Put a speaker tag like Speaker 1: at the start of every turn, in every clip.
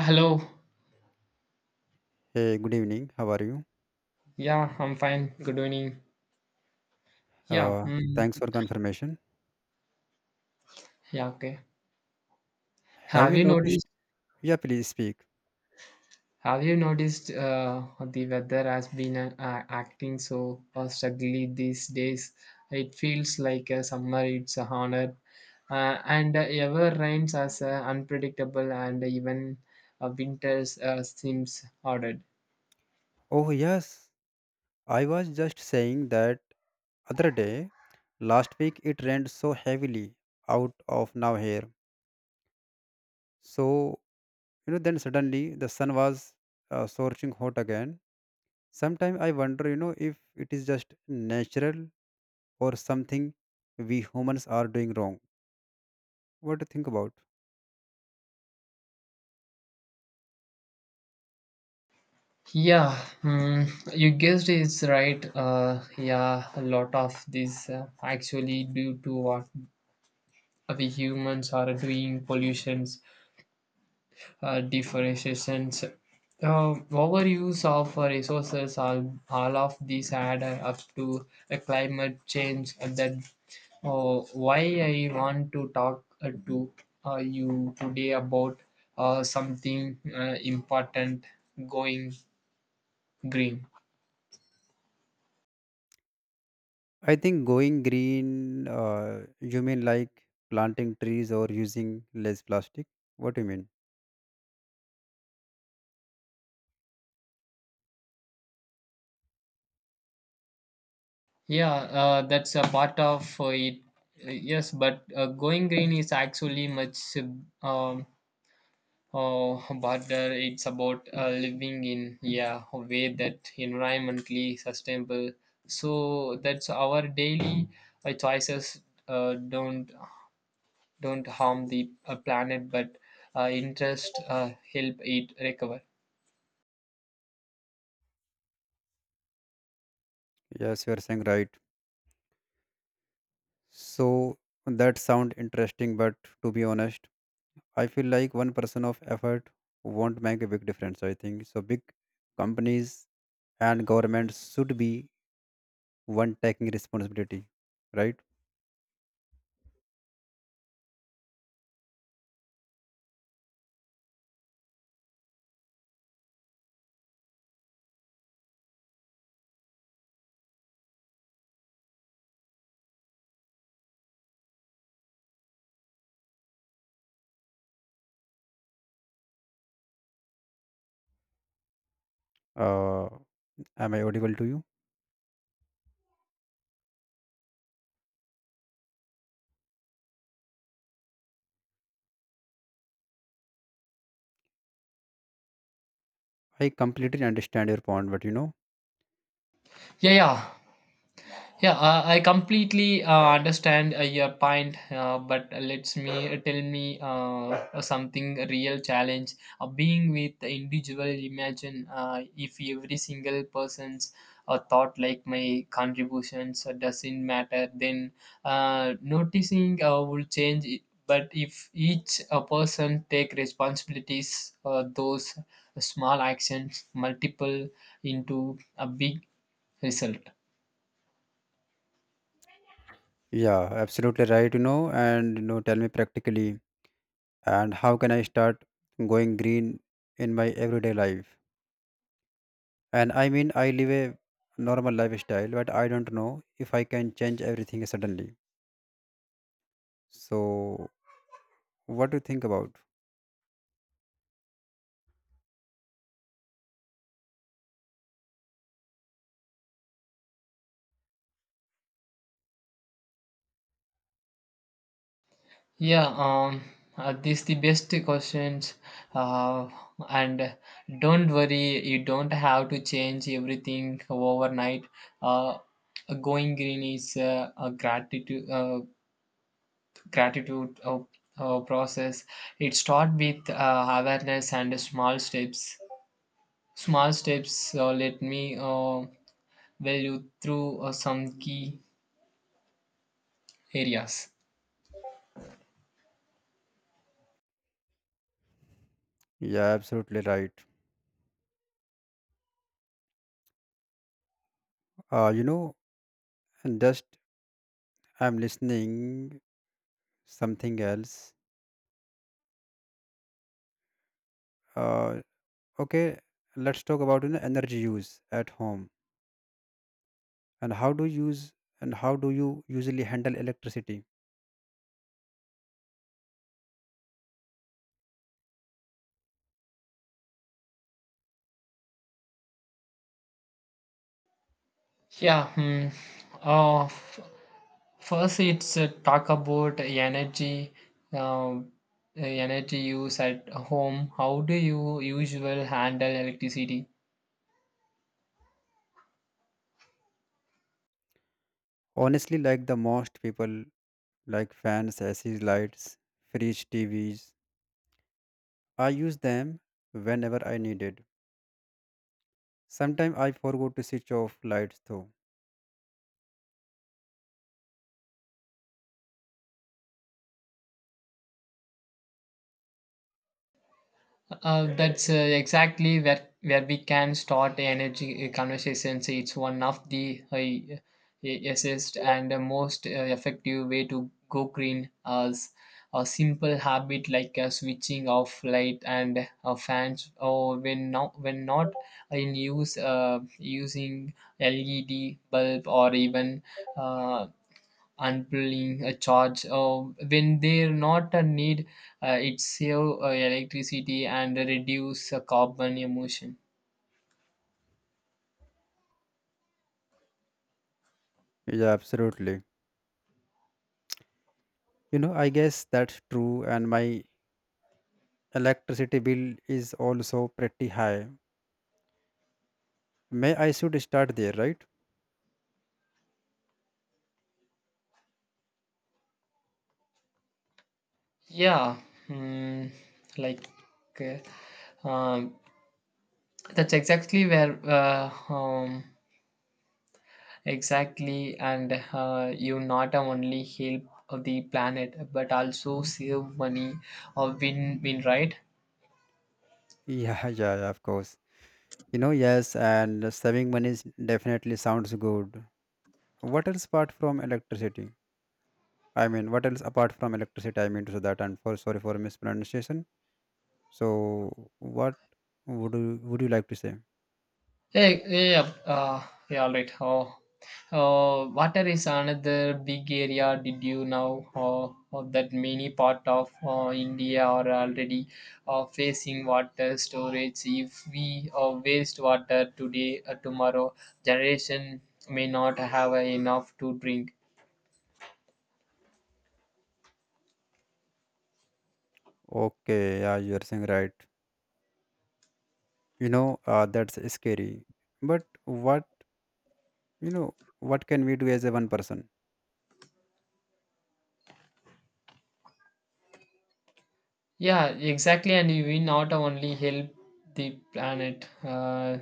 Speaker 1: Hello.
Speaker 2: Hey, good evening. How are you?
Speaker 1: Yeah, I'm fine. Good evening. Yeah.
Speaker 2: Uh, Thanks for confirmation.
Speaker 1: Yeah. Okay.
Speaker 2: Have
Speaker 1: Have
Speaker 2: you
Speaker 1: you
Speaker 2: noticed?
Speaker 1: noticed?
Speaker 2: Yeah, please speak.
Speaker 1: Have you noticed the weather has been acting so struggling these days? It feels like summer. It's a honor, and ever rains as unpredictable, and even winters seems ordered.
Speaker 2: Oh, yes. I was just saying that other day, last week it rained so heavily out of now here. So, then suddenly the sun was scorching hot again. Sometimes I wonder, if it is just natural or something we humans are doing wrong. What do you think about?
Speaker 1: Yeah, mm, you guessed it's right. Yeah, a lot of this actually due to what we humans are doing pollutions, deforestations, uh, overuse of resources, all of these add up to a climate change. And that why I want to talk to you today about something important going green.
Speaker 2: I think going green, you mean like planting trees or using less plastic? What do you mean?
Speaker 1: Yeah, that's a part of it. Yes, but going green is actually much um, Oh, but it's about living in, yeah, a way that environmentally sustainable. So that's our daily choices uh, don't don't harm the planet, but interest help it recover.
Speaker 2: Yes, you are saying right. So that sound interesting, but to be honest, I feel like one person of effort won't make a big difference. I think so. Big companies and governments should be one taking responsibility, right? Uh, am I audible to you? I completely understand your point, but
Speaker 1: Yeah, yeah, yeah. I completely understand your point, but let's me tell me something real challenge. Being with the individual, imagine if every single person's thought like my contributions doesn't matter, then noticing will change. It. But if each person take responsibilities, those small actions multiple into a big result.
Speaker 2: yeah, absolutely right. Tell me practically and how can I start going green in my everyday life, and I mean I live a normal lifestyle, but I don't know if I can change everything suddenly. So what do you think about?
Speaker 1: Yeah, this the best questions uh, and don't worry, you don't have to change everything overnight. uh, Going green is a gratitude, gratitude uh, process. It start with awareness and small steps. Small steps. Let me well you through some key areas.
Speaker 2: Yeah, absolutely right. You know, and just I'm listening something else, uh okay, let's talk about, energy use at home. And how do you use and how do you usually handle electricity?
Speaker 1: Yeah hmm. uh, First, it's talk about energy, um, energy use at home. How do you usually handle electricity?
Speaker 2: Honestly, like the most people, like fans, AC lights, fridge, TVs. I use them whenever I need it. Sometimes I forgot to switch off lights though.
Speaker 1: That's exactly where we can start energy conversations. It's one of the easiest and the most effective way to go green. As a simple habit like switching off light and fans or when not in use, using LED bulb or even uh, unpulling a charge when they're not a need, it save electricity and reduce carbon emission.
Speaker 2: Yeah, absolutely. I guess that's true, and my electricity bill is also pretty high. May I should start there, right?
Speaker 1: Yeah mm, like uh, um, that's exactly where, exactly, and you not only help the planet but also save money, or win win, right?
Speaker 2: Yeah, yeah, yeah, of course. You know, yes, and saving money is- definitely sounds good. What else apart from electricity? I mean, what else apart from electricity? I mean, so that and for sorry for mispronunciation. So what would you like to say?
Speaker 1: Yeah, yeah, all right. Oh, Water is another big area. Did you know that many part of India are already facing water storage? If we waste water today, tomorrow generation may not have enough to drink.
Speaker 2: Okay, yeah, you are saying right. That's scary. But what can we do as a one person?
Speaker 1: Yeah, exactly, and we not only help the planet. Uh,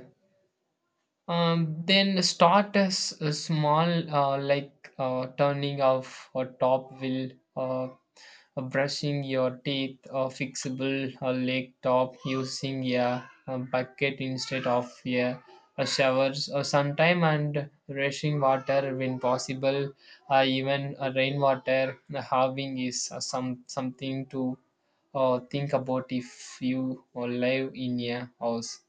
Speaker 1: Um, Then start as a small, like turning off a top wheel, uh, brushing your teeth, a fixable leg top, using a bucket instead of a showers or sometime, and rushing water when possible, even rainwater having is something to think about if you live in a house.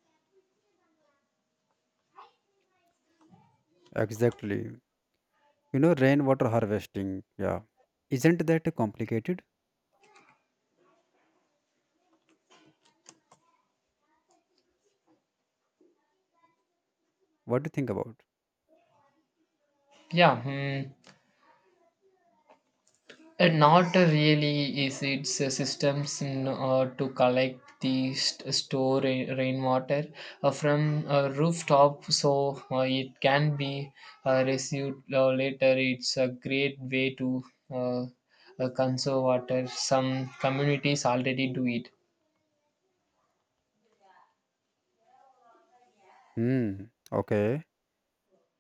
Speaker 2: Exactly. You know, rainwater harvesting. Yeah, isn't that complicated? What do you think about?
Speaker 1: Yeah. Hmm. Not really is its systems in, to collect the store rainwater from a rooftop so it can be received later. It's a great way to uh, conserve water. Some communities already do it.
Speaker 2: Hmm. Okay.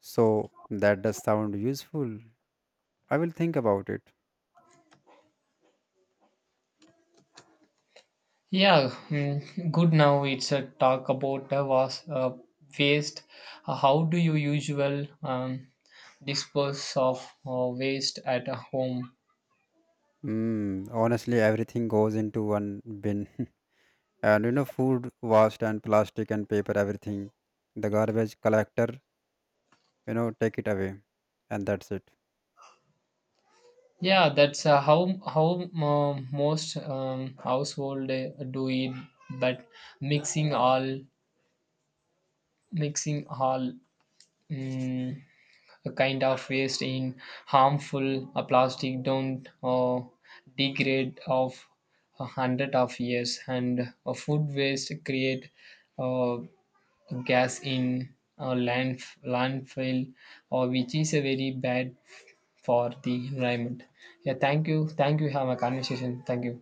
Speaker 2: So that does sound useful. I will think about it.
Speaker 1: Yeah. good, now it's a talk about waste. How do you usual dispose of waste at a home?
Speaker 2: Hmm. Honestly, everything goes into one bin. And food waste and plastic and paper, everything the garbage collector, take it away, and that's it.
Speaker 1: Yeah, that's how most household do it. But mixing all mixing all mm a kind of waste in harmful plastic don't degrade of 100 of years, and food waste create uh, gas in uh, land landfill, or which is a very bad for the environment. Yeah, thank you, thank you. Have a conversation. Thank you.